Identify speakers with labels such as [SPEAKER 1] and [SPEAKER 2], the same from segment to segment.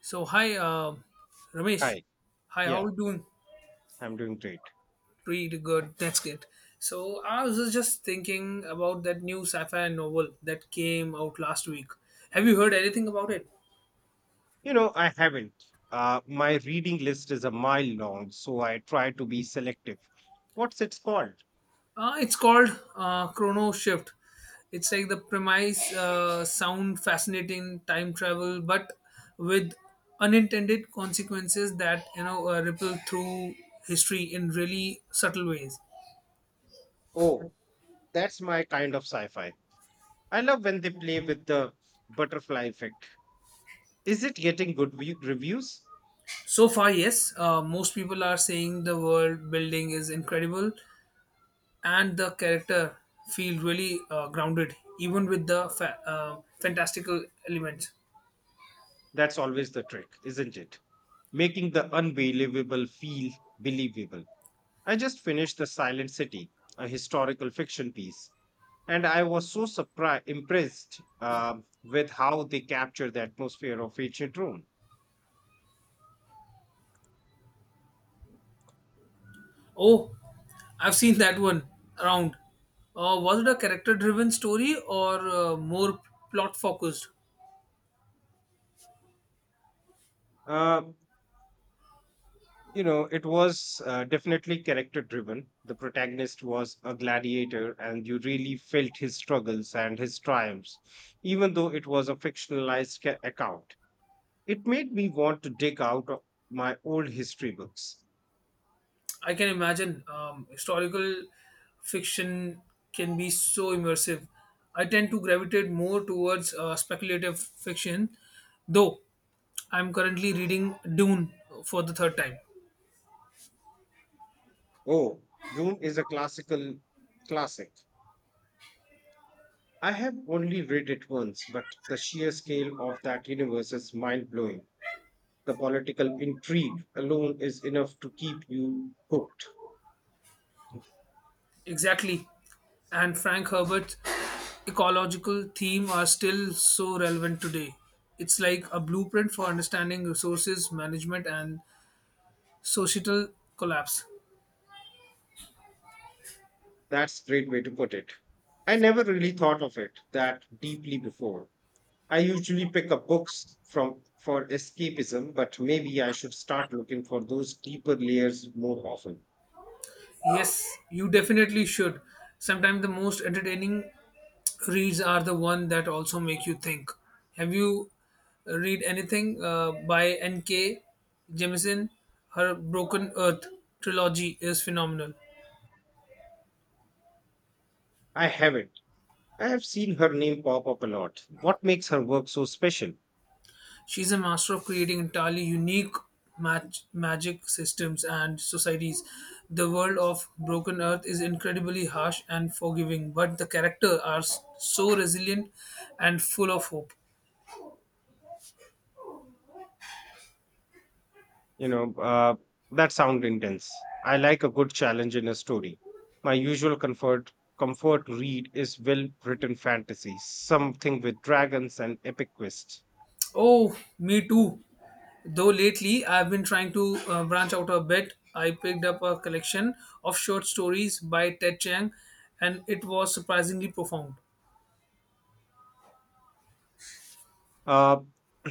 [SPEAKER 1] So hi, Ramesh.
[SPEAKER 2] Hi.
[SPEAKER 1] Hi, how
[SPEAKER 2] Yeah,
[SPEAKER 1] are you doing?
[SPEAKER 2] I'm doing great.
[SPEAKER 1] Pretty good. That's good. So I was just thinking about that new sci-fi novel that came out last week. Have you heard anything about it?
[SPEAKER 2] You know, I haven't. My reading list is a mile long, so I try to be selective. What's it called?
[SPEAKER 1] It's called Chrono Shift. It's like the premise sound fascinating time travel, but with unintended consequences that you know ripple through history in really subtle ways.
[SPEAKER 2] Oh, that's my kind of sci-fi. I love when they play with the butterfly effect. Is it getting reviews?
[SPEAKER 1] So far, yes, most people are saying the world building is incredible and the character feel really grounded, even with the fantastical elements.
[SPEAKER 2] That's always the trick, isn't it? Making the unbelievable feel believable. I just finished The Silent City, a historical fiction piece. And I was so surprised impressed with how they captured the atmosphere of ancient rome.
[SPEAKER 1] Oh, I've seen that one around. Was it a character driven story or more plot focused?
[SPEAKER 2] uh, you know it was definitely character driven. The protagonist was a gladiator, and you really felt his struggles and his triumphs, even though it was a account. It made me want to dig out of my old history books.
[SPEAKER 1] I can imagine historical fiction can be so immersive. I tend to gravitate more towards speculative fiction, though I'm currently reading Dune for the third time.
[SPEAKER 2] Oh, Dune is a classic. I have only read it once, but the sheer scale of that universe is mind blowing. The political intrigue alone is enough to keep you hooked.
[SPEAKER 1] Exactly. And Frank Herbert's ecological theme are still so relevant today. It's like a blueprint for understanding resources management and societal collapse.
[SPEAKER 2] That's a great way to put it. I never really thought of it that deeply before. I usually pick up books from for escapism, but maybe I should start looking for those deeper layers more often.
[SPEAKER 1] Yes, you definitely should. Sometimes the most entertaining reads are the one that also make you think. Have you read anything by N.K. Jemisin? Her Broken Earth trilogy is phenomenal.
[SPEAKER 2] I haven't. I have seen her name pop up a lot. What makes her work so special?
[SPEAKER 1] She's a master of creating entirely unique magic systems and societies. The world of Broken Earth is incredibly harsh and forgiving, but the characters are so resilient and full of hope.
[SPEAKER 2] You know, that sound intense. I like a good challenge in a story. My usual comfort read is well written fantasy, something with dragons and epic twists.
[SPEAKER 1] Oh, me too. Though lately I've been trying to branch out a bit. I picked up a collection of short stories by Ted Chiang and it was surprisingly profound.
[SPEAKER 2] Uh,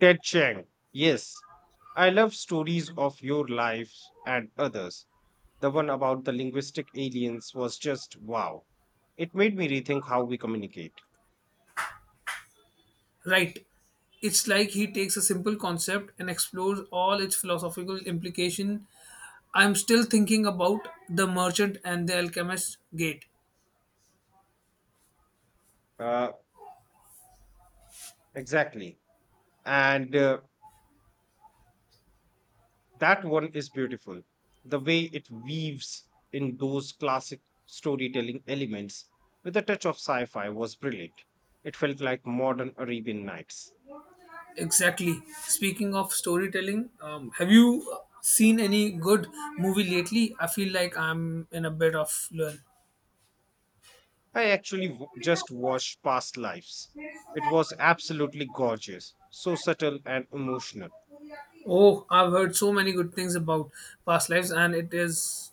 [SPEAKER 2] Ted Chiang, yes, I love stories of your lives and others. The one about the linguistic aliens was just wow. It made me rethink how we communicate.
[SPEAKER 1] Right. It's like he takes a simple concept and explores all its philosophical implication. I'm still thinking about The Merchant and the Alchemist's Gate.
[SPEAKER 2] Uh, exactly. And that one is beautiful. The way it weaves in those classic storytelling elements with a touch of sci-fi was brilliant. It felt like modern arabian nights.
[SPEAKER 1] Exactly. Speaking of storytelling, have you seen any good movie lately? I feel like I'm in a bit of learn.
[SPEAKER 2] I just watched past lives. It was absolutely gorgeous, so subtle and emotional.
[SPEAKER 1] Oh, I've heard so many good things about past lives, and it is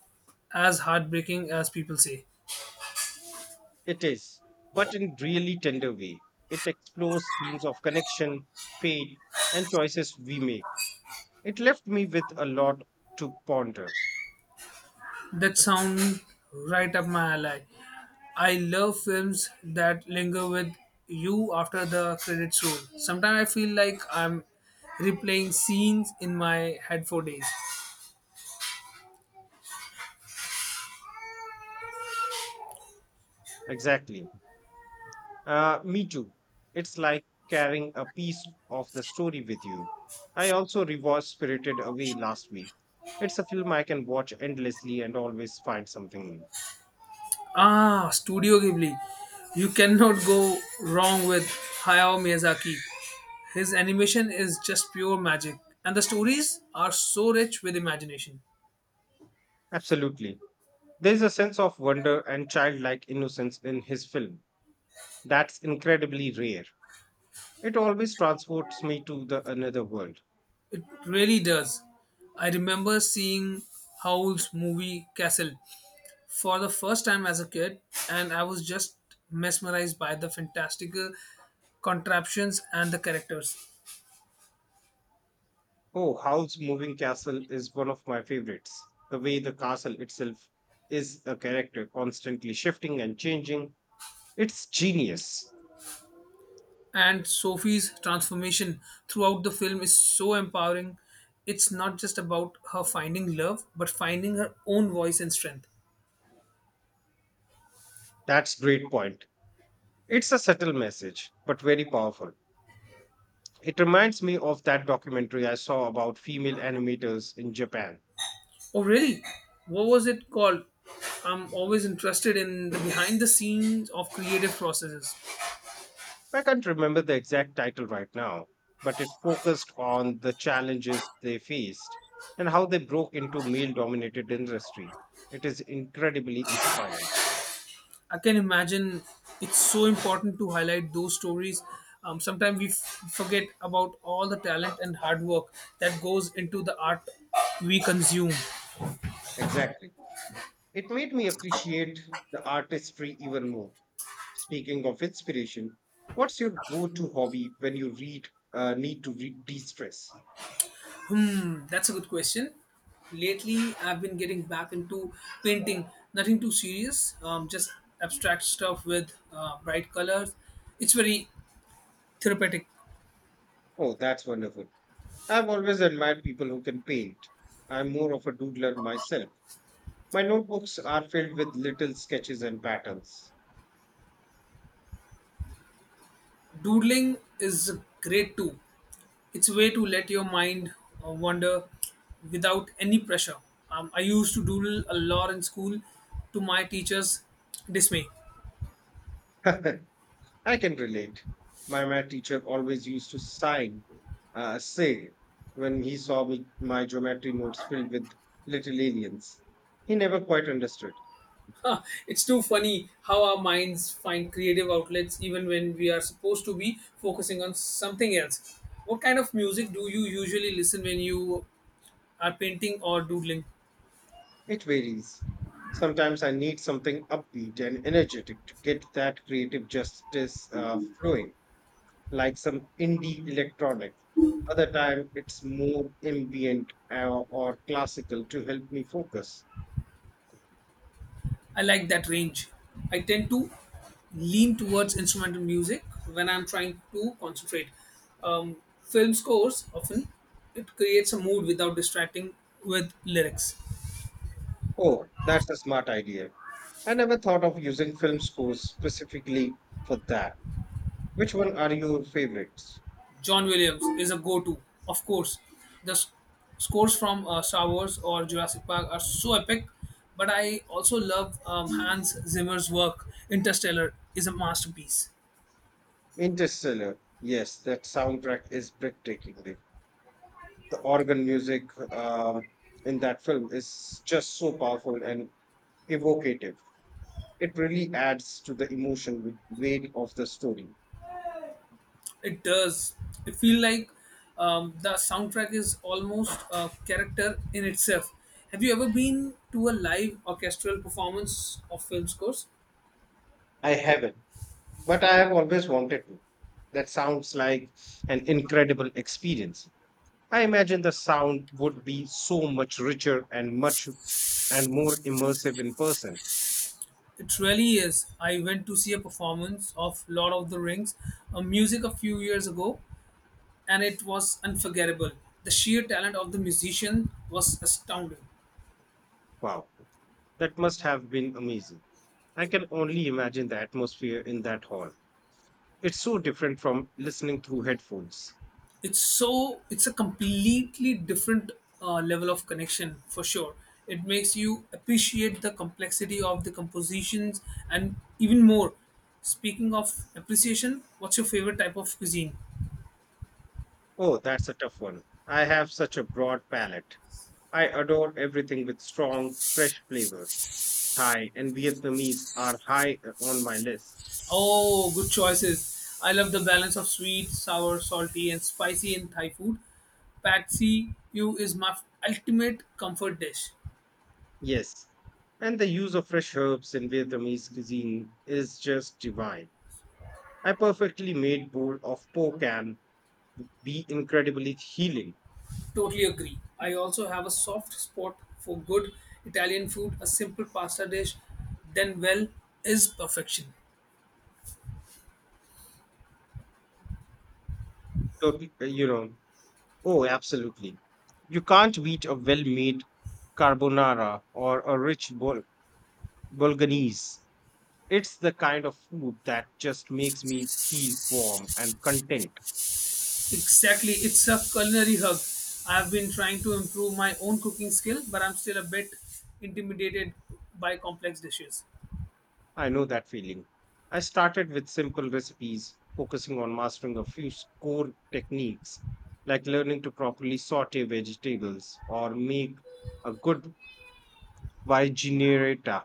[SPEAKER 1] as heartbreaking as people say.
[SPEAKER 2] It is, but in really tender way. It explores themes of connection, fate, and choices we make. It left me with a lot to ponder.
[SPEAKER 1] That sounds right up my alley. I love films that linger with you after the credits roll. Sometimes I feel like I'm replaying scenes in my head for days.
[SPEAKER 2] Exactly. Me too. It's like carrying a piece of the story with you. I also rewatched Spirited Away last week. It's a film I can watch endlessly and always find something new.
[SPEAKER 1] Ah, Studio Ghibli. You cannot go wrong with Hayao Miyazaki. His animation is just pure magic, and the stories are so rich with imagination.
[SPEAKER 2] Absolutely. There's a sense of wonder and childlike innocence in his film that's incredibly rare. It always transports me to the another world.
[SPEAKER 1] It really does. I remember seeing Howl's movie Castle for the first time as a kid, and I was just mesmerized by the fantastical contraptions and the characters.
[SPEAKER 2] Oh, Howl's Moving Castle is one of my favorites. The way the castle itself is a character, constantly shifting and changing, it's genius.
[SPEAKER 1] And Sophie's transformation throughout the film is so empowering. It's not just about her finding love, but finding her own voice and strength.
[SPEAKER 2] That's great point. It's a subtle message, but very powerful. It reminds me of that documentary I saw about female animators in Japan.
[SPEAKER 1] Oh, really? What was it called? I'm always interested in the behind the scenes of creative processes.
[SPEAKER 2] I can't remember the exact title right now, but it focused on the challenges they faced and how they broke into male dominated industry. It is incredibly inspiring.
[SPEAKER 1] I can imagine it's so important to highlight those stories. Sometimes we forget about all the talent and hard work that goes into the art we consume.
[SPEAKER 2] Exactly. It made me appreciate the artistry even more. Speaking of inspiration, what's your go to hobby when you read, need to re- de stress?
[SPEAKER 1] Hmm, that's a good question. Lately, I've been getting back into painting. Nothing too serious, just abstract stuff with bright colors. It's very therapeutic.
[SPEAKER 2] Oh, that's wonderful. I've always admired people who can paint. I'm more of a doodler myself. My notebooks are filled with little sketches and patterns.
[SPEAKER 1] Doodling is great too. It's a way to let your mind wander without any pressure. I used to doodle a lot in school to my teacher's dismay.
[SPEAKER 2] I can relate. My math teacher always used to say, when he saw me, my geometry notes filled with little aliens. He never quite understood.
[SPEAKER 1] It's too funny how our minds find creative outlets even when we are supposed to be focusing on something else. What kind of music do you usually listen when you are painting or doodling?
[SPEAKER 2] It varies. Sometimes I need something upbeat and energetic to get that creative justice flowing, like some indie electronic. Other time, it's more ambient or classical to help me focus.
[SPEAKER 1] I like that range. I tend to lean towards instrumental music when I'm trying to concentrate. Film scores often it creates a mood without distracting with lyrics.
[SPEAKER 2] Oh, that's a smart idea. I never thought of using film scores specifically for that. Which one are your favorites?
[SPEAKER 1] John Williams is a go-to, of course. The scores from Star Wars or Jurassic Park are so epic, but I also love Hans Zimmer's work. Interstellar is a masterpiece.
[SPEAKER 2] Interstellar. Yes, that soundtrack is breathtaking. The organ music in that film is just so powerful and evocative. It really adds to the emotion with weight of the story.
[SPEAKER 1] It does. It feel like the soundtrack is almost a character in itself. Have you ever been to a live orchestral performance of film scores?
[SPEAKER 2] I haven't, but I have always wanted to. That sounds like an incredible experience. I imagine the sound would be so much richer and more immersive in person.
[SPEAKER 1] It really is. I went to see a performance of Lord of the Rings, a music a few years ago, and it was unforgettable. The sheer talent of the musician was astounding.
[SPEAKER 2] Wow, that must have been amazing. I can only imagine the atmosphere in that hall. It's so different from listening through headphones.
[SPEAKER 1] It's a completely different level of connection for sure. It makes you appreciate the complexity of the compositions and even more. Speaking of appreciation, what's your favorite type of cuisine?
[SPEAKER 2] Oh, that's a tough one. I have such a broad palate. I adore everything with strong, fresh flavors. Thai and Vietnamese are high on my list.
[SPEAKER 1] Oh, good choices. I love the balance of sweet, sour, salty, and spicy in Thai food. Patsy, U is my ultimate comfort dish.
[SPEAKER 2] Yes. And the use of fresh herbs in Vietnamese cuisine is just divine. A perfectly made bowl of po can be incredibly healing.
[SPEAKER 1] Totally agree. I also have a soft spot for good Italian food. A simple pasta dish, then well, is perfection.
[SPEAKER 2] So, uh, you know, oh, absolutely. You can't beat a well made carbonara or a bolognese. It's the kind of food that just makes me feel warm and content.
[SPEAKER 1] Exactly. It's a culinary hug. I have been trying to improve my own cooking skill, but I'm still a bit intimidated by complex dishes.
[SPEAKER 2] I know that feeling. I started with simple recipes, focusing on mastering a core techniques, like learning to properly saute vegetables or make a good vinaigretto.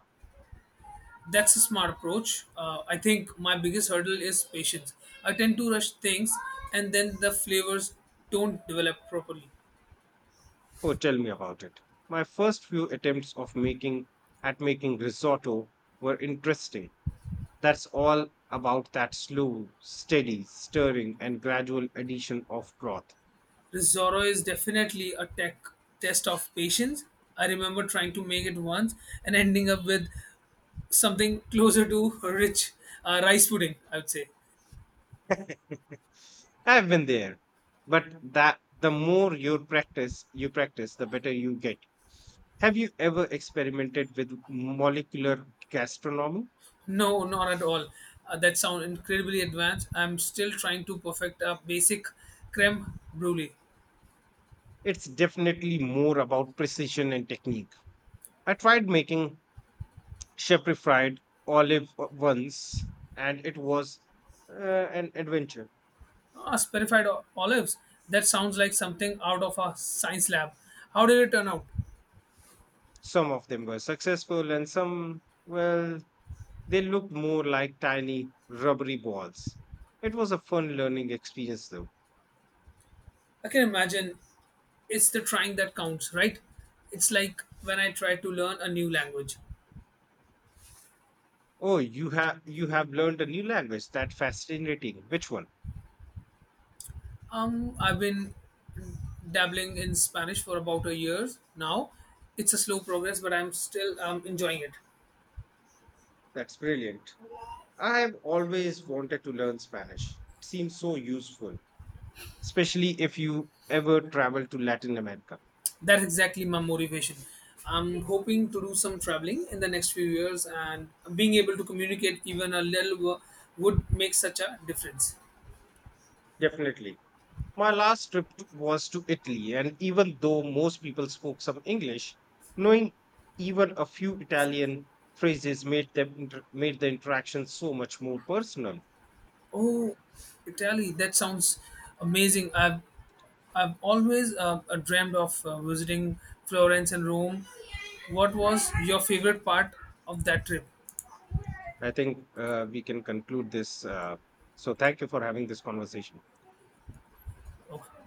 [SPEAKER 1] That's a smart approach. I think my biggest hurdle is patience. I tend to rush things and then the flavors don't develop properly.
[SPEAKER 2] Oh, tell me about it. My first few attempts of making at making risotto were interesting. That's all about that slow, steady stirring and gradual addition of broth.
[SPEAKER 1] Zoro is definitely a tech test of patience. I remember trying to make it once and ending up with something closer to rich rice pudding. I would say
[SPEAKER 2] I've been there. But that the more you practice, the better you get. Have you ever experimented with molecular gastronomy?
[SPEAKER 1] no, not at all. That sounds incredibly advanced. I'm still trying to perfect a basic creme brulee.
[SPEAKER 2] It's definitely more about precision and technique. I tried making shepherd fried olive once, and it was uh, an adventure.
[SPEAKER 1] Ah, sparified olives. That sounds like something out of a science lab. How did it turn out?
[SPEAKER 2] Some of them were successful, and some, well, they looked more like tiny rubbery balls. It was a fun learning experience, though.
[SPEAKER 1] I can imagine it's the trying that counts, right? It's like when I try to learn a new language.
[SPEAKER 2] Oh, you have learned a new language. That's fascinating. Which one?
[SPEAKER 1] I've been dabbling in Spanish for about a year now. It's a slow progress, but I'm still enjoying it.
[SPEAKER 2] That's brilliant. I have always wanted to learn Spanish. It seems so useful, especially if you ever travel to Latin America.
[SPEAKER 1] That's exactly my motivation. I'm hoping to do some traveling in the next few years, and being able to communicate even a little would make such a difference.
[SPEAKER 2] Definitely. My was to Italy, and even though most people spoke some English, knowing even a few Italian phrases made the interaction so much more personal.
[SPEAKER 1] Oh, Italy! That sounds amazing. I've always dreamed of visiting Florence and Rome. What was your favorite part of that trip?
[SPEAKER 2] I think we can conclude this. So, thank you for having this conversation.
[SPEAKER 1] Okay.